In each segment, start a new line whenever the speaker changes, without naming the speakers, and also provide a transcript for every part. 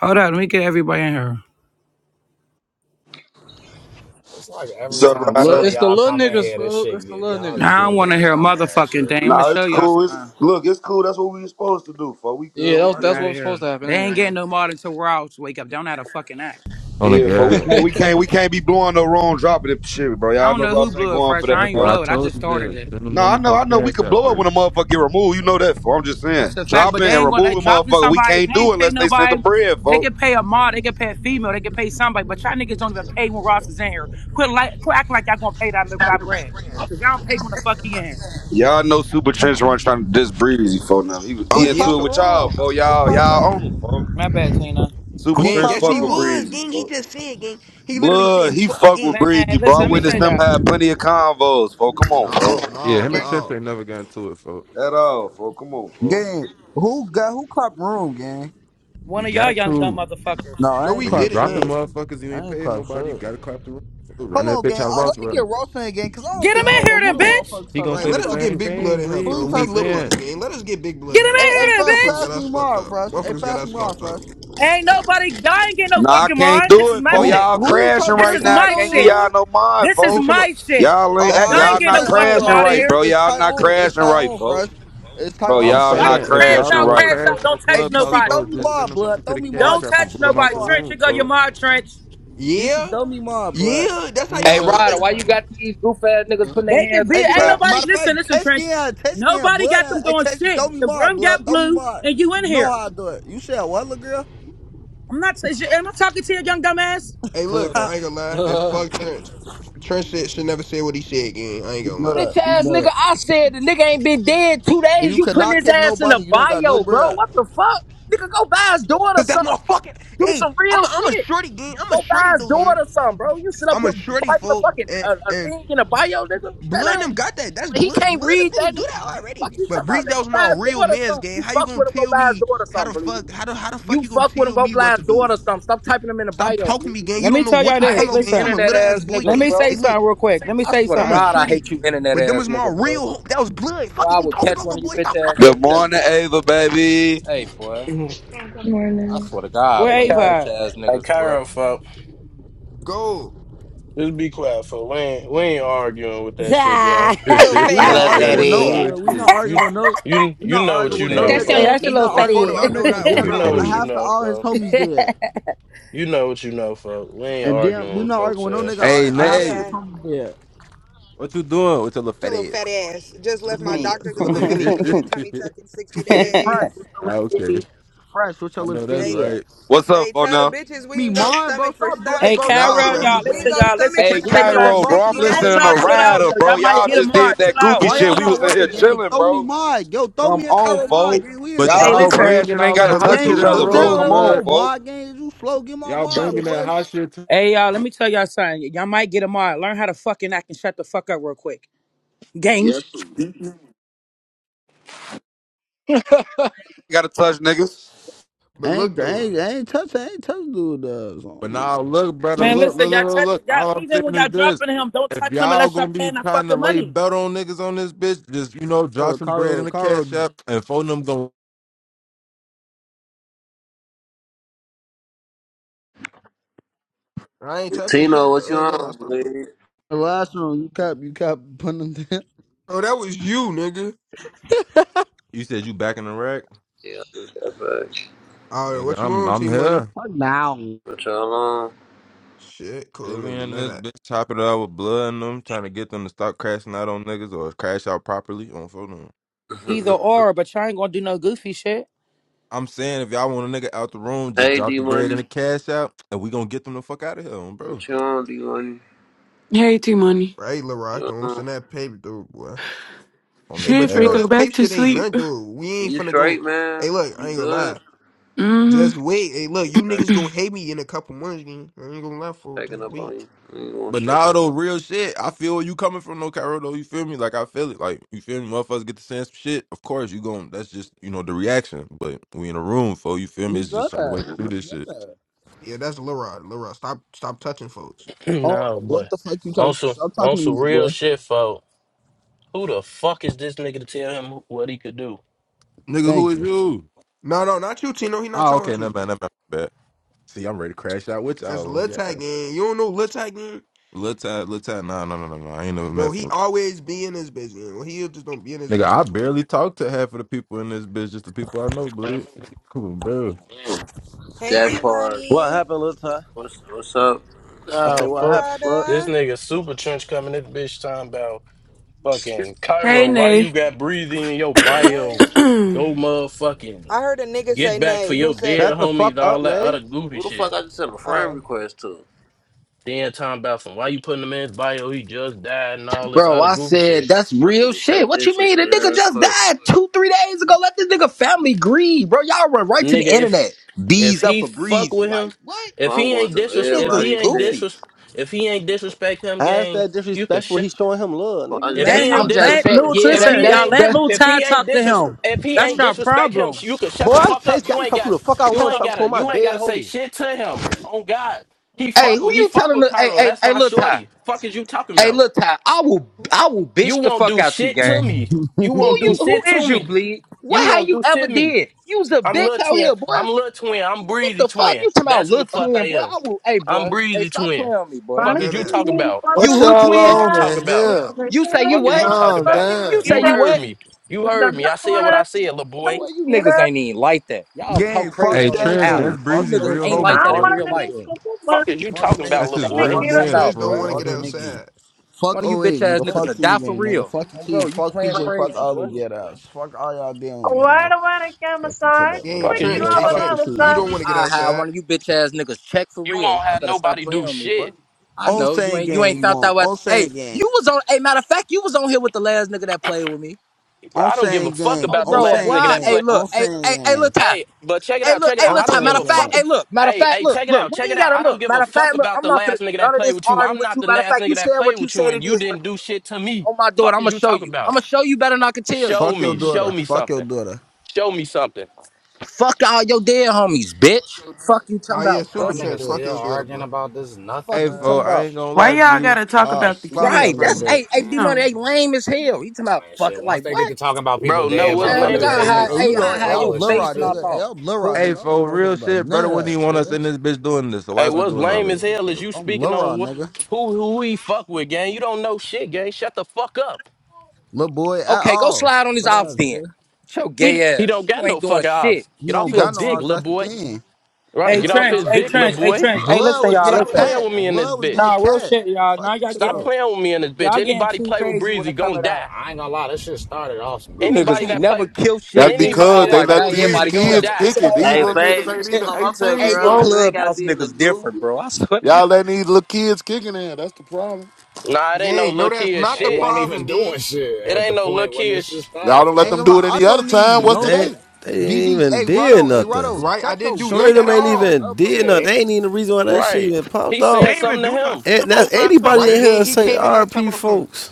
Hold on, let me get everybody in here.
It's like every
So
time
Look,
some
Ryder,
of
it's the
y'all
little
come in
niggas,
here, this
fool. It's
shit,
the
get,
little
y'all
niggas,
just
I
get
don't
to
fool.
want
They
to
doing
hear a
just
dumbass
motherfucking
shit.
thing. I'm gonna
nah,
show
it's
y'all
cool. It's
something.
look, it's cool. That's what we was supposed to do. For we
yeah,
good, we
that's
Fuck
that's
out
good.
what
of
was supposed
here.
to happen.
They
I ain't
ain't getting
gonna
no more until we're all wake up. Don't have to fucking act.
On the
Yeah, for we
girl.
can't, we
lie.
can't, we can't be blowing no wrong drop of this shit, bro.
I
Y'all
don't
know
know who
Ross ain't
blew it
going for
fresh.
that,
I
That's
ain't
why I
folks.
blow it. I
told
just
you,
started
Jeff,
it.
send the
No, I
money to
know,
the
I know. We
cash
could
out
blow up
first.
when a motherfucker get removed. You know that, folks. I'm just saying,
That's the fact. But they
dropping and
ain't gonna they
removing
dropping
motherfucker, we
somebody. If
can't
they
do it
ain't pay
unless they send the
nobody,
bread,
they
folks.
can pay a mod. They can pay a female. They can pay somebody. But y'all niggas don't even pay when Ross is in here. Quit like quit acting like y'all gonna pay that that bread. Cause y'all don't pay when the fuck he in here.
Y'all know Super Trench Run trying to diss Breezy, folks. Now he was-
Oh
he
Who
yeah,
into it
clapped
so
with y'all,
wrong?
folks.
Who
Y'all,
clapped
y'all own
wrong?
him, folks.
My bad, Tina.
Super
Who
gang,
Trench
clapped
yes
fuck
he
with
wrong?
was.
Breezy,
Gang, he
folks.
just said, gang, he literally
Blood,
said,
he
fuck,
fuck
gang.
with Breezy,
Man,
bro. I
listen, let me say
witnessed them
that.
have plenty of convos, folk. Come on, folk.
No,
Yeah,
no,
him and
Gang.
Chip
no,
ain't never got into it, folks.
At all, folk. Come on, folk.
Gang. Who got who clapped wrong, gang?
One
We
of y'all
got
young dumb
cool.
motherfuckers.
No,
no,
I ain't
we
When you
clap
didn't,
dropping
shit.
gang.
motherfuckers, you
I
ain't
ain't
paying
clap
nobody. You
shit.
gotta clap the room. Run
Hold
that
on,
bitch
gang.
out
Uh,
Ross
let me get
running.
Ross in again, cause I don't
Get him
think I
in
don't know
here then,
who the
bitch.
motherfuckers
He
talk.
gonna
Right,
Who
say
you
let
the
us
talk
get
same
to?
big blood
thing,
in hell,
bleed.
Who
bro.
you
I'm
We
just
talk
lip
to?
saying.
bucks, gang. Let us get big
Get
blood in
him
hell,
Hey,
in
hey,
fool.
here then,
fresh,
Motherfuckers
pass
got
bitch.
us
me
fucked
more,
up.
fresh. Hey,
Motherfuckers got
pass
us
me more,
fucked up.
fresh.
Ain't nobody, y'all ain't getting no
Nah, I
fucking
can't
mar. This
do
is
it,
my
folk.
Who
Who?
shit.
Y'all
who you
crashing
talk?
This
right
This
is
now.
not
I
my
your
can't get
shit.
y'all
room?
no mind,
This is
You
folk.
talking? on.
my shit.
Y'all
Oh,
ain't
That's
act-
Y'all
all
not
right,
ain't
y'all
your.
it's
getting
not
no
tight on,
fucking
crashing
mar
Ross.
in
right,
It's
here.
bro.
it's
Y'all
tight
not
on. It's
crashing
tight
right,
on,
folk.
fresh. It's tight
Bro,
I'm
on,
y'all
Y'all
fresh.
gonna
not
saying if
crash
y'all
crashing
out,
gonna
right,
crash
crash
out.
bro.
Don't
on
Hey,
touch
Clubhouse,
DC,
nobody.
throw
folks,
me
just
more
send the money
blood.
to
Throw
the
me more.
cash
Don't
DC.
shop and
touch
boot
Throw
them
me
out
nobody.
the
more.
Trench, you
room,
go your
folks.
mar. Trench.
This is
Yeah,
throw me more blood.
yeah. That's how
Hey,
y'all
Ryder,
coming.
why you got these goof ass niggas putting their
They can
hands on
be,
Hey,
me,
ain't
Chase,
Ryder?
matter
nobody,
of
listen,
fact,
listen,
test
Trench.
scan, test scan,
Nobody
blood.
got
uh,
them
Hey,
doing
Chase, throw
shit.
me
The
more
room
blood.
got
Throw me
blue
more.
and you
You
in
know
here.
how I do it. You said what, little girl?
I'm not, is you- am I talking to you, young dumbass?
Hey, look,
Ha.
I ain't gonna lie. It's fuck Trench. F- Trench said, should never say what he said, gang. I ain't
you
gonna
know
lie.
Bitch
that. You
ass
know
nigga,
that.
I said the nigga ain't been dead two
If
days.
you
You putting
cannot
his
kick
ass in a
nobody, you don't got no
bio, bro.
bread.
What the fuck? Nigga, go buy his daughter
Cause that's
something.
my fucking.
Do
Hey,
some
I'm
real
a, I'm a
shit.
shorty, gang. I'm a
Go
shorty,
buy his
though, gang.
daughter something, bro. You sit up
I'm
here
a shorty,
typing a
folk,
fucking
and
uh, a
and
thing in a bio, nigga.
Blood
That
and
ain't,
them got that. That's
he
Blood.
can't
Blood and them
read
didn't
that,
do
nigga.
that
Fuck
already.
you
But
talking about,
Breeze,
nigga.
that
Go
was
buy
my
his
real
daughter
man's
something. You
game. How you
fuck
gonna
with him, go
tell
buy his
me
daughter
how the
something, please.
fuck how the how the fuck
You
you gonna
fuck with him,
tell
go
me what
buy
to
his
do?
daughter something. Stop typing him in the
Stop
bio,
talking to
please.
me, gang. You
Let me
don't know
tell y'all
what you
I
talking
this.
hate
about,
you
gang. I'm
Listen,
a
internet
little ass
ass
boy,
let
niggas,
gang.
me
bro.
say
Hey, look,
something real quick. Let me
I
say
swear to
I'm a
something.
God, I
shorty,
hate you internet
but them
ass
was my
niggas, bro.
real. That was Blood.
Boy,
Fuck is
I
you
would
talking
catch
about,
one
little
of you
boy?
bitch
Stop
ass
fucking
Good
niggas
talking to
and
me,
morning,
gang.
Ava, baby.
hey boy.
Mhm.
I
Morning.
swear to God,
Where
Hey,
boy, you
Ava?
Ky-
bitch
at?
ass
hey,
niggas, boy.
Cairo, folk,
Go.
just be quiet, folk. We ain't, we ain't arguing with that shit, gang.
hey,
yeah,
Little
We're
fat
I
not
love
arguing
that
with
that
no.
ass.
ass.
We're not
bullshit.
You,
arguing with no.
you,
We're
you
not
know what
arguing
Little
you
with
fat
no
know,
That's
ass.
nigga.
your
folk.
little
that's your
We're
little
not
Oh,
video.
fat
arguing with
photo.
no
I know what
nigga.
I.
And
head.
It's a
Oh,
then
You
uh,
little fat
bro.
know what you
ass.
half of
know,
all his
folk.
homies dead.
You know what you know, folk. We ain't
And then
arguing
we're
with
not
folks
arguing with no
ass.
nigga.
Hey,
uh, Half of
Nay,
his
Yeah,
homies dead.
what you doing with your little
your
fat
little fat
ass?
ass. Just
Look
left
at
my
this.
doctor's
Look at
appointment. Finna get a
this.
tummy tuck in 60
Hey, Fresh, what's
days.
your
Ah,
little fatty
Okay,
ass? Fresh, what's your
I
little
know that's
Hey,
fatty ass?
right.
What's up,
hey,
for
tell the
now?
bitches we
Me
can go
mine, bro.
stomach for
Stop doing, hey,
Hey,
stomach.
bro.
And
Stop
I'll
Carol,
pulling
fresh.
on
it.
y'all,
me,
We can
listen,
gang.
go
y'all, listen.
stomach
Can
for
Hey,
I
Gang,
say
cause
stomach
the
in
something?
Cairo, bro. I'm
bosses
60
in this
Won't
days,
big
listening
you
y'all
to
hear
motherfucker
chill
me?
with a
out,
Rider,
though?
bitch
Y'all
bro.
on.
might
Hey,
Y'all
get a
hey,
just did
mod. Chill
that
Casey,
out.
goofy
why y'all
shit. We
not
was in here
working, gang?
chilling,
Throw me
bro.
mine, yo. Throw
Come
me a
on,
Cairo mine,
Hey,
folk.
gang. We is
But
the
Y'all
Hey,
could
y'all
bugs,
listen.
crash
bringing
and ain't
all
gotta
that
But
hot
look
touch
gang.
though.
shit
each
We
in the
other,
Look
don't sit
bro.
room,
though.
out
Come
here with
on,
no
blood.
folk.
mine, gang. You slow, get my
Y'all
Go.
mine,
bringing that
boys.
hot shit. To-
Hey, y'all, let me tell y'all something. Y'all might get a mod. Learn how to fucking act and shut the fuck up real quick. Gang. Yes. sir.
Gotta touch niggas.
But
Ain't,
look though.
ain't, ain't touch, ain't touch, dude. Uh, so
but
on
now
you.
look, brother,
Man,
look,
listen,
look, look,
y'all
look,
touch
look.
it. Y'all,
All I'm
even
saying
when
is
y'all
this:
dropping him, don't
if
touch him
y'all
unless y'all
gonna be
paying that
trying to
fucking
lay
money.
belt on niggas on this bitch, just you know, drop
Cairo,
some bread in
Cairo,
the
Cairo.
cash app and phone them. Going,
I ain't touching
Tino,
shit,
what
bro.
you
Hey, Lil Rod,
on,
stop.
baby?
The last one, you kept, you kept putting them down.
Oh, that was you, nigga.
You said you back in the rack?
Yeah, that bad.
All right,
nigga,
what you
I'm
on,
I'm
T Money?
here.
Fuck now, you
What y'all
Shit,
Yeah,
cool,
we
and you
in
know
this
that,
bitch chopping it out with blood in them, trying to get them to stop crashing out on niggas or crash out properly on phone.
Either
on?
or, but y'all ain't gonna do no goofy shit.
I'm saying if y'all want a nigga out the room, just
hey,
drop
D
the bread and the
Money.
cash out, and we gonna get them the fuck out of here, um, bro.
What you on, D Money?
Hey, T Money.
right, Lil Rod?
You,
Don't
on?
send that paper, dude, boy.
On the
Hey,
Shit,
but you
freak
know
gas.
this
back
paper
to
shit ain't
sleep.
nothing, dude. We ain't
you
finna go.
straight, man?
Hey, look, I
You
ain't gonna
good?
lie.
Mm-hmm.
Just wait. Hey, look, you
Okay,
niggas gonna hate me in a couple months, gang. I ain't gonna lie, fool.
Checking
Just
up
wait.
on you. I ain't gonna
But
shit
now
for
though, real shit. I feel where you coming from, no Cairo though. You feel me? Like I feel it. Like you feel me? Motherfuckers get to saying some shit. Of course you gon' That's just you know the reaction. But we in a room, for you feel me? It's just
got
a certain way
that.
to
You
do
got
this shit.
that.
Yeah, that's Lil Rod. Lil Rod, stop, stop touching folks.
Oh,
no,
what
but
the fuck you
on
talk?
some,
Stop
on
talking to me,
some
little
real
boy.
shit, folk. Who the fuck is this nigga to tell him what he could do?
Nigga, who
Thank
is
you.
you?
No, no, not you, Tino. He not
Ah,
talking
okay,
about
never
you.
mind, never mind. my bad. See, I'm ready to crash out with
That's
y'all on the
Lil
gas.
Tag, gang. You don't know Lil Tag, gang?
Little time, little time. Nah, nah, nah, nah, nah. I ain't never
Bro,
met
he
for.
always be in his business. Well, he just don't be in his
Nigga, I
business.
barely talk to half of the people in this bitch, just the people I know, believe. Come on, bro.
Hey,
that
D
part.
What
Money.
happened, Lil Ty?
What's what's up?
I say,
Oh,
Hey,
what
fuck.
happened, blood?
This
Rada.
nigga super trench coming at the bitch talking about fucking
Hey,
Cairo. Why
Nay.
you got breathing in your bio?
Hey.
Go motherfucking
I heard a nigga
Get
say
back for
nay. Who
your
said it?
Shut
dead
the
homies,
fuck up,
all that
nay.
other goofy
Who the
shit.
fuck I just sent a friend
Oh.
request to?
Then talking about some why you putting him in his bio, he just died and all this
Bro,
other
I
goofy
said
shit.
that's
I need
real
to
shit.
check
What
this
you
shit
mean? The nigga
real
just
quick.
died two, three days ago. Let this nigga family grieve, bro. Y'all run right to
Nigga,
the
if
internet.
if
Bees up
he
for
fuck
breezy.
with him,
Like what?
if
I'm
he
going
ain't
through
You
disres if
niggas
he
everybody's
ain't
shit.
goofies.
disres if he ain't disrespect him,
How's
gang,
that
you could
disrespectful?
shit.
He showing him love,
Fuck, I
nigga.
If
just
That
Let
sent
he ain't
I'm
somebody
him,
a
disres
just
let
saying.
friend
Lil,
request.
Yeah,
if
that
listen,
he
y'all,
that's
ain't
let
that.
Lil
if
Ty
he ain't
talk to
disres
him.
if he
That's
ain't
your
disrespect him,
problem.
sh- you could shut
Boy,
the
I
fuck up.
taste. I
You
can
ain't
talk who
got
the fuck I
you
want to
ain't
talk to.
gotta
On My
you ain't
dead
gotta say
homie.
shit to him. Oh God. He
Hey,
fuck
who
with he
you
fuck
telling?
with
The, hey,
Cairo.
hey,
That's
hey,
my
little Ty.
shorty. Fuck is you talking
Hey,
about?
little Ty. I will, I will
You
bitch the
won't
fuck
do
out you,
shit to
gang.
me. You
Who
won't do
you? Who
shit to
is you,
me.
bleed?
You
What have
won't
you
do
ever
shit me.
did? You was a
I'm
bitch
Lil
out
Twin.
here, boy.
I'm Lil Twin. I'm
What
Breezy
the fuck
Twin.
you talking about,
That's who
little
the
What's
fuck I
twin, boy?
am.
I will. Hey,
I'm
boy. Hey,
Breezy
stop
Twin.
playing on me, boy.
You
Fuck
calling
is
know
you talk
that.
me?
about?
You
Father,
What
we
who
y'all
kill
Fuck
twin?
is you
on
us.
talk
in
about?
here?
We're
You
too
say you
many
Fuck is
what?
you
to
talk
Calm
pass
about?
in the
You
down.
say
You
kila.
you
heard
what?
me. You
The
heard me.
thunder
I said what I
comes,
said, little boy.
Boy, you
kill
niggas
us.
ain't even like that. Y'all talk
Gang, fuck
crazy
Hey,
on this
Shane
Trish,
app.
Gang.
that's
You
Fuck
Breezy,
niggas
Shane
real
ain't
Gang.
like
homie,
I
that in
Fuck
fool.
want
real
to
Shane
life.
make a
Gang.
move, but
Fuck is you
Fuck
talking about,
Shane
That's
little
his
Gang.
they
Fuck
boy?
real
you
Fuck
kill us.
talking
Shane
man's,
Trench
about,
Gang.
boy?
don't
fool.
want
I
to get
Fuck
wouldn't.
Shane Gang.
outside.
Fuck
One of you
O
bitch
08,
ass
nigga.
Fuck
niggas
Fuck
a
is,
Shane
die for
Gang, nigga.
real.
Fuck your
Oh, bro,
keys.
you
Fuck
playing
PJ. Fuck
crazy,
all the
boy.
get ups. Fuck all y'all damn
Why
nigga.
do I care
Fuck
so
you tell
much?
that with
Gang,
fuck
We
ass
is you
kill
Trench,
boy.
us
hey
talk?
when
Fuck
I'm
your
Trench,
with
keys,
you
us.
don't want to
nigga.
get
I had
outside.
one of you bitch ass niggas check for
You
real.
won't
Y'all
have
better stop
nobody do
playing with me,
shit.
bro. I
On
know you
Shane
ain't you
Gang,
ain't
you
found out
want.
what.
On Shane
Hey,
Gang.
you was on. Hey, matter of fact, you was on here with the last nigga that played with me.
Bro,
On
I don't give a
Shane
fuck
Gang.
Oh,
about the
On
bro,
last
boy.
Shane
nigga
I-
that
Gang.
Hey,
play.
look.
On
Hey,
Shane
hey, hey, look,
Gang.
Ty.
Hey, but check it
Hey,
out,
look.
check it
Hey,
out.
On
look,
I
Ty.
don't give
Matter
Shane
a
of
fuck.
fact.
Gang.
Hey,
Ab-
look. Matter of
hey,
fact,
hey,
look.
check it
Look.
out,
We
check
ain't
it out.
gotta
I don't
look.
give a
Matter of
fuck
fact, look.
about
I'm
the
not
last
finna do
nigga that
none of
played
this
with you.
arguing
I'm
with
not
you.
the
Matter of
last
fact,
nigga
you
that
said
played
what you
with you,
said.
and
It
you
is what
didn't
it is.
do shit to me.
Oh my daughter,
Fuck
I'm
is
gonna
you
show
talking
you. I'm
about?
gonna show you better than I can tell you.
Show
Fuck your
me, show
daughter.
me
Fuck your
something.
daughter.
Show me something,
Fuck all your dead homies, bitch. Fuck you talking
Oh yeah,
about,
That
super
Y'all
pussy.
little
Trench,
niggas
fuck
still
your
bitch.
daughter,
arguing
bro.
about this
Fuck
Hey,
you talking
nothingness
fool,
and
I
about.
ain't
shit.
gonna
Why
lie,
y'all
G.
gotta talk
Ah,
about the
slap
kids,
that
Right.
little
That's
bro?
hey, hey,
bitch.
D Money,
Damn.
hey, lame as hell. You talking about
I mean, shit,
fucking
once
like
they get
what?
to talking about people
bro. No,
The
dead,
Nigga,
what's
I
ass
don't
lame
nigga,
motherfuckers,
get
as
a,
I
hey,
hell?
everything
hide,
hey,
off
you
hey,
know,
I
limits.
hey,
hide
All
I'm
your
this
blur
shit
face
rod,
and I
stupid.
nigga. Hey,
thought,
I'm blur rod,
Hey,
nigga.
pussy.
I don't give
fool,
no fuck
real
about
shit, brother
none of
wouldn't even
that,
want us
nigga.
in this bitch doing this, so why
Hey,
is we
Fuck
what's
you,
doing all
lame
this,
as
nigga.
hell is
bro?
you
I'm
speaking
blur
on
rod,
what,
nigga.
who who he fuck with, gang? You don't know shit, gang. Shut the fuck up.
Little boy at
Okay, go
all.
slide on these
But
ops
ass,
then.
boy.
Get your gay
He,
He don't
ass.
got
You
no
ain't doing
fucking
shit.
ops.
He
Get off
don't
You go,
his
got no
dick,
ass,
you,
little
that's the
boy.
thing.
Right,
hey,
get off
Trench,
his
hey,
dick, little
Trench, hey,
boy.
Trench, hey,
Blood
listen,
was
y'all,
getting
Stop
listen.
playing
cat.
with me in this
Blood was getting
Nah,
bitch.
real
cat.
shit, y'all.
Fuck
Now
you,
y'all
Stop
getting,
Tibbo.
playing with me in this bitch.
y'all getting
Anybody
too
play with
crazy when
Breezy
it come
gonna
to that.
die.
I ain't gonna lie, this shit started off some
you
goofy
niggas
Anybody
ain't
that
shit.
never
play,
kill shit a
That's
day in
anybody
because
y'all
they
that
life.
play
Now
let
with
these
Breezy
everybody
gonna
kids
kill
die.
us.
kick it.
Fuck up
These
Hey,
out of
little
here.
niggas
Fave,
You
you
ain't
can
can't,
even
come up here,
hey,
18,
you
girl.
bro.
You ain't gotta
clubhouse
be in the
niggas
goo.
different, bro. I swear to God.
Y'all letting these little kids kicking in. That's the problem.
Nah, it ain't no
Gang, no,
look
that's
here
not
They
the
shit.
weren't even
problem, gang.
doing shit
It
at the
ain't no look
point when
here.
this shit
Sh-
Y'all don't
started,
let
Ain't
bro.
them
gonna
do it
lie, I
any other
don't
time.
need
What's
no
They
today?
they ain't
BB.
even
Hey,
did
Rotto, hey,
nothing.
Rotto,
Right? I
shut
didn't
your
do
Shorty
nothing
dick
at
them
grind
ain't
ass
all.
even
up, little
did
boy.
nothing.
Yeah.
They ain't even the reason why that shit
right?
even popped
He's
They
off.
saying
didn't even
something to
do nothing.
him.
Shut
And
your
that's
old ass up,
anybody in
Right,
bitch.
here
gang?
that
He
say
came in her time
RP
on some,
folks.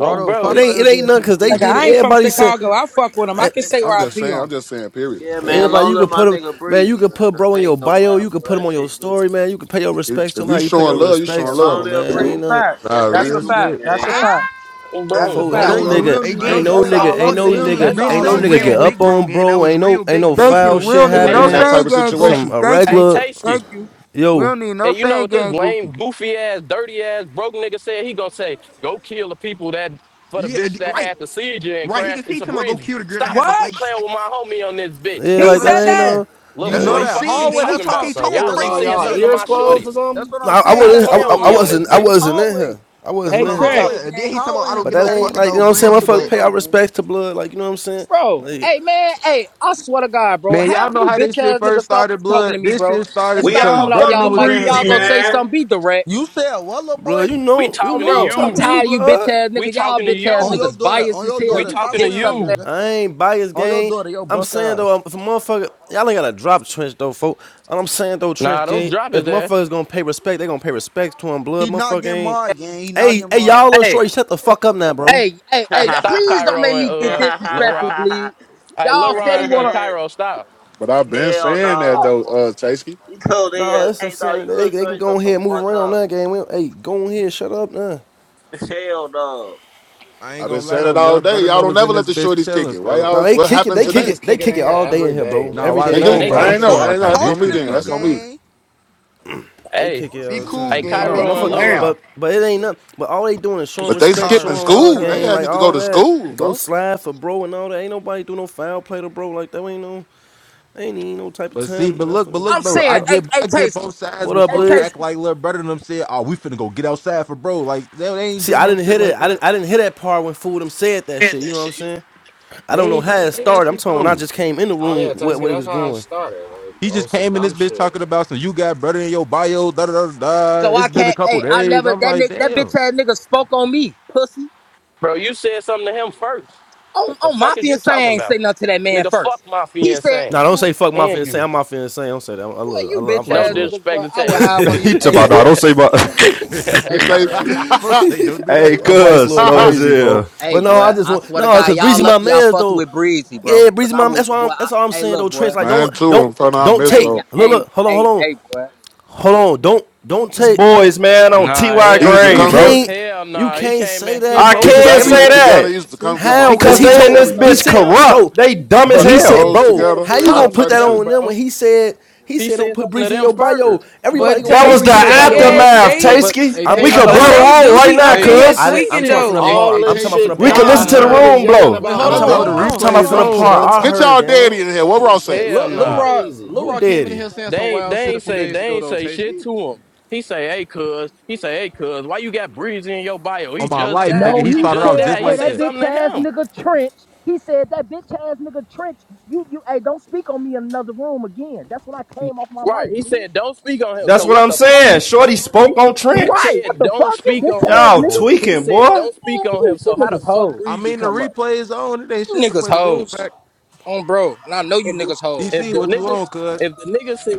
Oh, bro,
It
fuck all
he's
ain't it
your
ain't
dead
nothing
people,
because they
Like,
too.
did it.
I ain't from
Everybody said.
Chicago. I fuck with him. I can say
I'm
where I
just
pee
saying. I'm
on.
just saying, period.
Yeah,
They
man.
Everybody,
Long
haven't-
you
live
could
my
put him,
nigga
man. You
Breezy,
could
man.
put bro
I
in your
ain't gonna
bio.
lie,
You could put
bro.
him
That
on your
shit goofy.
story, man. You could pay your
If
respects to
if
him. How
you
you pay
showing
your
love, you
Yeah,
respects
showing
to
long
love.
him,
live
man?
That's a
Ain't
Breezy,
no,
bro.
fact.
That
Nah,
That's
shit
a
Thank
real
you.
goofy,
fact.
shit.
That's a
gang.
Thank you.
fact.
oh,
That's a
bro.
fo
and
That's
ain't
that
Don't
no
fact.
Thank
was
you.
phone
We
nigga,
them.
don't
hey
need
I
ain't
no
ain't
gang.
no
gonna
that's
dead.
lie.
I
nigga,
We
all
ain't
I'm
fucked
don't.
no
it,
We
saying.
don't
nigga,
gang.
need
That's
no
Breezy
ain't
all
was
no
a
I'm
sand
nigga
gang
real
get
saying.
up
big
goofy.
bro,
on
gang. That
bro.
was
Ain't no,
real
ain't
big
no
Thank
blood,
you.
foul
We
gang.
shit
don't
It
need
wasn't
Hey,
no
even
happen.
that
Tay,
type
sand
of
gang
hey,
Some
goofy.
situation.
Thank
hey,
you.
irregular,
Tasky.
Thank you. We
yo,
don't need no
And you know
sand
what this
gang
lame,
goofy.
goofy ass, dirty ass, broke nigga said? He gonna say, go kill the people that for the
Yeah,
bitch
d-
that
right,
had the seizure and
right. He could
crashed
see
into
him go
Breezy.
kill the girl that
Stop
had to
What?
fucking
like.
playing with my homie on this bitch.
yeah,
He
That's
like
what I'm
that
said
ain't
that?
seeing.
no.
Little
You
That's
that
what
know
boy,
I'm
ain't-
that
fuck is
seeing,
you
hallway.
gang. He
That's
talking
what
talking,
I'm
he
about?
So
talking
saying.
what
Y'all
was
That's what
keep
all
I'm
crazy,
saying
y'all
saying,
something
gang.
to
ears
my
Juicy.
closed
shorty.
or
That's
something?
what
No,
I'm
I, I
saying. You
Stop
gotta
wasn't, I,
go
playing
in the
I
with
I
me on
hallway,
this
wasn't, I
gang.
bitch.
wasn't in
Hallway.
here. I
That's
wasn't
Hey,
what
in
I'm
here.
Trench.
Talk,
Hallway,
saying. And then
gang.
he talking about
Hallway
I don't
him.
But
get
You
that
no
gotta.
fuck
ain't
He,
like you know
you
about
what I'm saying. My
supposed
Breezy,
to
fuck
but
pay
bingo,
our
gang.
respects to blood, like you know what I'm saying.
Bro,
Like
hey man, hey, I swear to God, bro.
Man,
Half
y'all know
you
how this
bitch
shit
ass niggas
first
stop
started,
talking to
blood.
me,
This
bro.
shit
And
started
We
stop
because
all
coming off
Brother
fuck
Know
y'all
with
was
mic.
in
If
here,
y'all
Breezy,
gonna
bro.
say
man.
something, be direct.
You said what, little
blood, you
boy?
we
know, you
Oh,
talking to
know I'm
bro, I'm
talking
you.
to you,
tired of you bitch
blood.
ass
We
niggas. Y'all
talking to
bitch ass
On your
you.
niggas
daughter.
biased
On
as
your
hell.
We
daughter.
You
Stop
talking to
dick
playing with me,
sucking
you.
ass.
nigga.
I ain't biased,
On your
gang.
daughter. Yo,
I'm
buck
saying though,
ass.
um, if a motherfucker, y'all ain't gotta drop trench though, folk. I'm saying though, trench
Nah, don't
gang,
drop it
if
there.
motherfuckers gonna pay respect, they gonna pay respect to him. Blood,
He not
motherfucker
getting
ain't.
marred, gang. He not
Hey,
getting
hey,
marred.
y'all, little
Hey,
shorty, shut the fuck up now, bro.
hey, hey, hey,
Hey,
now
stop
please don't
Cairo
make
and
me get
uh
disrespectful,
Leroy.
bleed.
Hey,
Y'all
Leroy
steady
and uh,
wanna
Cairo, stop.
But I've been
Hell
saying that,
fuck.
no,
though, uh,
bro.
Tasky.
He told his,
No,
ass,
that's what I'm
hey, dog,
saying.
you
They,
little
they can
straight
go
shut
ahead
the
and move
fuck
around
up.
now, gang. We Hey, go ahead, shut up now.
Hell no.
I ain't
I've been
gonna lie
saying
though,
it all
love.
day.
Brother
Y'all
Know
don't
was in
never let
this
the
bitch
shorties kick
chilling,
it. Why
folks.
No,
y'all,
they
what
kick it,
happened
they
Them
kick
today?
niggas
it, they
kicking
kick
in
it
here
all day in
every
here,
day,
bro.
Nah,
Every
bro.
I
day
They
they
Yeah,
kick
know,
do?
it
they
in
but
Bro,
I
I'm
here.
ain't
kicking.
know.
saying
I
like
ain't
stop
know.
how
That's
this
on
talking
me
to
shit
then.
me,
That's
started
on
though.
me.
gang.
They
Hey,
kick
I'll
it
be
all the
see
cool,
hey,
time.
you.
But
I
gang.
was
no,
Be
Cairo
like,
and
motherfucker.
cool,
damn.
Leroy.
Leroy.
But but it ain't nothing. But all they doing is showing
But they
respect,
skipping
Kyra,
showing
stop
love,
school. They
gang.
trolling.
Like
having to go
all
to
that.
school,
Go
bro.
slide for bro and all that. Ain't nobody do no foul play to bro like that. Ain't no ain't even no type of
But see,
time.
but look, but
Nothing.
I'm
look though, I
saying,
Okay.
hey,
get
hey,
I get
Tasty,
both sides,
What
but
up,
hey,
folks
Lid?
act
Tasty.
like little brother and them said, "Oh, we finna go get outside for bro." Like they, they ain't
See,
do
I
no
didn't
shit
hit it.
like
I
that.
didn't. I didn't hear that part when fool them said that shit. You know what I'm saying? I
They
don't know
ain't
how
even
it
say that
started. I'm
shit
talking when I
though.
just came in the
Oh
room.
yeah,
What what it
that's
was
how I
going?
started. Like,
He
oh,
just
some
came in this
dumb
bitch
shit.
talking about some you got brother in your bio, da da da da. da.
So
It's
I
been a
can't,
couple
hey, I
days.
never,
I'm
that
like,
nigga, that bitch
damn.
ass nigga spoke on me, pussy.
Bro, you said something to him first.
On,
What the
on my
fuck is you
fiancé I
talking
ain't
about?
say nothing to that man
Nigga, fuck
first.
my
He said,
fiance.
Nah, don't
man,
say fuck my
And
insane.
you.
I'm my insane. Don't say that. I'm, I
boy,
love. I
you
love. I'm
bitch
No
Vice
ass
Lord.
niggas,
disrespect
boy,
to
I would
taste.
hire one of
He
you.
talking
Hey,
about, no,
boy,
don't say my.
If
hey,
they-
boy.
Folks say don't do that.
hey,
I'm Vice
cuz,
Lord
slow as
crazy, folks.
hell.
Hey,
But no,
boy,
I just
I
want
swear to
no,
God,
cause
y'all
Breezy my
lucky y'all
man
fucked
though.
with Breezy,
Yeah,
bro.
Breezy
Cause I
my
will,
that's why
boy.
I'm
I,
that's all I'm
hey,
saying
look,
though,
boy.
Trench. Like
Man,
don't
too,
don't
in front of I
don't
miss,
Hey,
take
yeah,
bro.
look
hey,
look, hold on, hold
hey,
on,
hey, boy.
hold on. Don't don't
It's
take
boys, man, on
Nah,
TY
He
hell
used to
you
Gray,
nah.
come get,
bro.
can't
Hell
you
nah. He
can't
came
say
in. He
that,
I
bro,
we
came he
cause
can't
every
came
say
graduated
in.
together. He
that
used to come
He
get my
how?
came
Cause
because
in
he
and
food,
they in
told
said
this
he
something
everything.
bitch
to
said,
him.
bro,
corrupt. They dumb as
but
He
he
Fucking
said,
hell.
came
hoes
in
bro,
here and
together,
how
said
you
Huh.
all
gonna
something
put
to
type of
that
him,
shit.
on them
bro.
when he said he
He
said don't
said
put
something to
Breezy in
them
your bio.
first.
but
Everybody
But
gonna
That
put
was the
Breezy in
Tasty,
their
but
they
bio
but
ass,
game.
aftermath,
but
they,
but
Tasky.
hey,
I'm
We
Hell
Tasty,
talking
could blow
about
but
the
Tasty,
I'm
they
no.
room
do
right
be
now,
up
I'm
He
talking
in
Tasty,
about
here
ain't
I
cuz.
say
didn't, I'm
tweaking
talking about
shit.
from the
though.
hey,
All
part
hey,
I'm
this
talking about from the
Tasty.
shit
We could
part
Hell
I
listen
dumb.
to
You
the
no.
heard.
niggas
room
yelling
blow.
Wait,
about
hold
I'm
on
talking
on,
bro,
hold
the
about
nothing.
I'm
on,
talking
replay
hold
about
is
from the
Fuck
on.
is
on,
y'all
part
bro.
I
Get
talking
heard,
y'all daddy
gang.
about,
in here. What
man? You
Ross at?
niggas
Hell
Lil
sound
Lil
no.
Rod,
crazy,
Lil
Who
Rod
man.
came in
daddy?
here saying
They
some
ain't
wild
they
shit a
ain't
few
say
days
they
ago
ain't
though,
say shit
Tasty.
to him. He say, hey cuz, he say, hey cuz, why you got breezy in your bio?
On
He
my
just
life,
died.
nigga,
No,
he
He
he
started
just
off
said,
just
died. He
hey,
like
said
that
that.
bitch
something
ass
to
nigga Trench. He said that bitch ass nigga Trench. You you hey, don't speak on me in another room again. That's when I
him.
came off my
Right.
mic,
He
dude.
said, don't speak on him.
That's
So
what
what
I'm
the fuck you
saying. Shorty
he,
spoke on
he
Trench.
Right. What
said
the
don't
fuck, you
speak
bitch
on him.
ass
Y'all
But
niggas?
He
tweaking,
said
boy.
don't speak
Man,
on him.
you, you
So how the
niggas
fuck
hoes.
I
breezy
mean, the
come up?
replay is on. It ain't
You
shit to
niggas
play the room
hoes.
back.
On bro. And I know you
If the
niggas hoes.
if
DC,
the
what you
niggas
on, cuz?
if the nigga said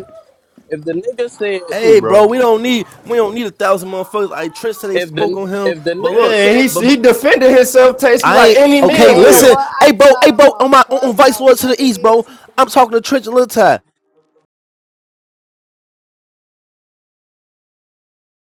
if the nigga said
Ooh,
Hey bro,
bro.
we don't need we don't need a thousand motherfuckers. Like Trent said they
if
spoke
the
on him,
if the
but
nigga
look,
Yeah,
said
he,
but, but
he defended himself, Tasky,
I
like
ain't
any
okay,
man
Man,
listen.
will.
what? I
Hey bro,
slide
hey
up
bro,
on
on my on, on Vice
Clubhouse,
Lord to
my
the East,
nigga.
bro. I'm talking to Trent and Lil Ty.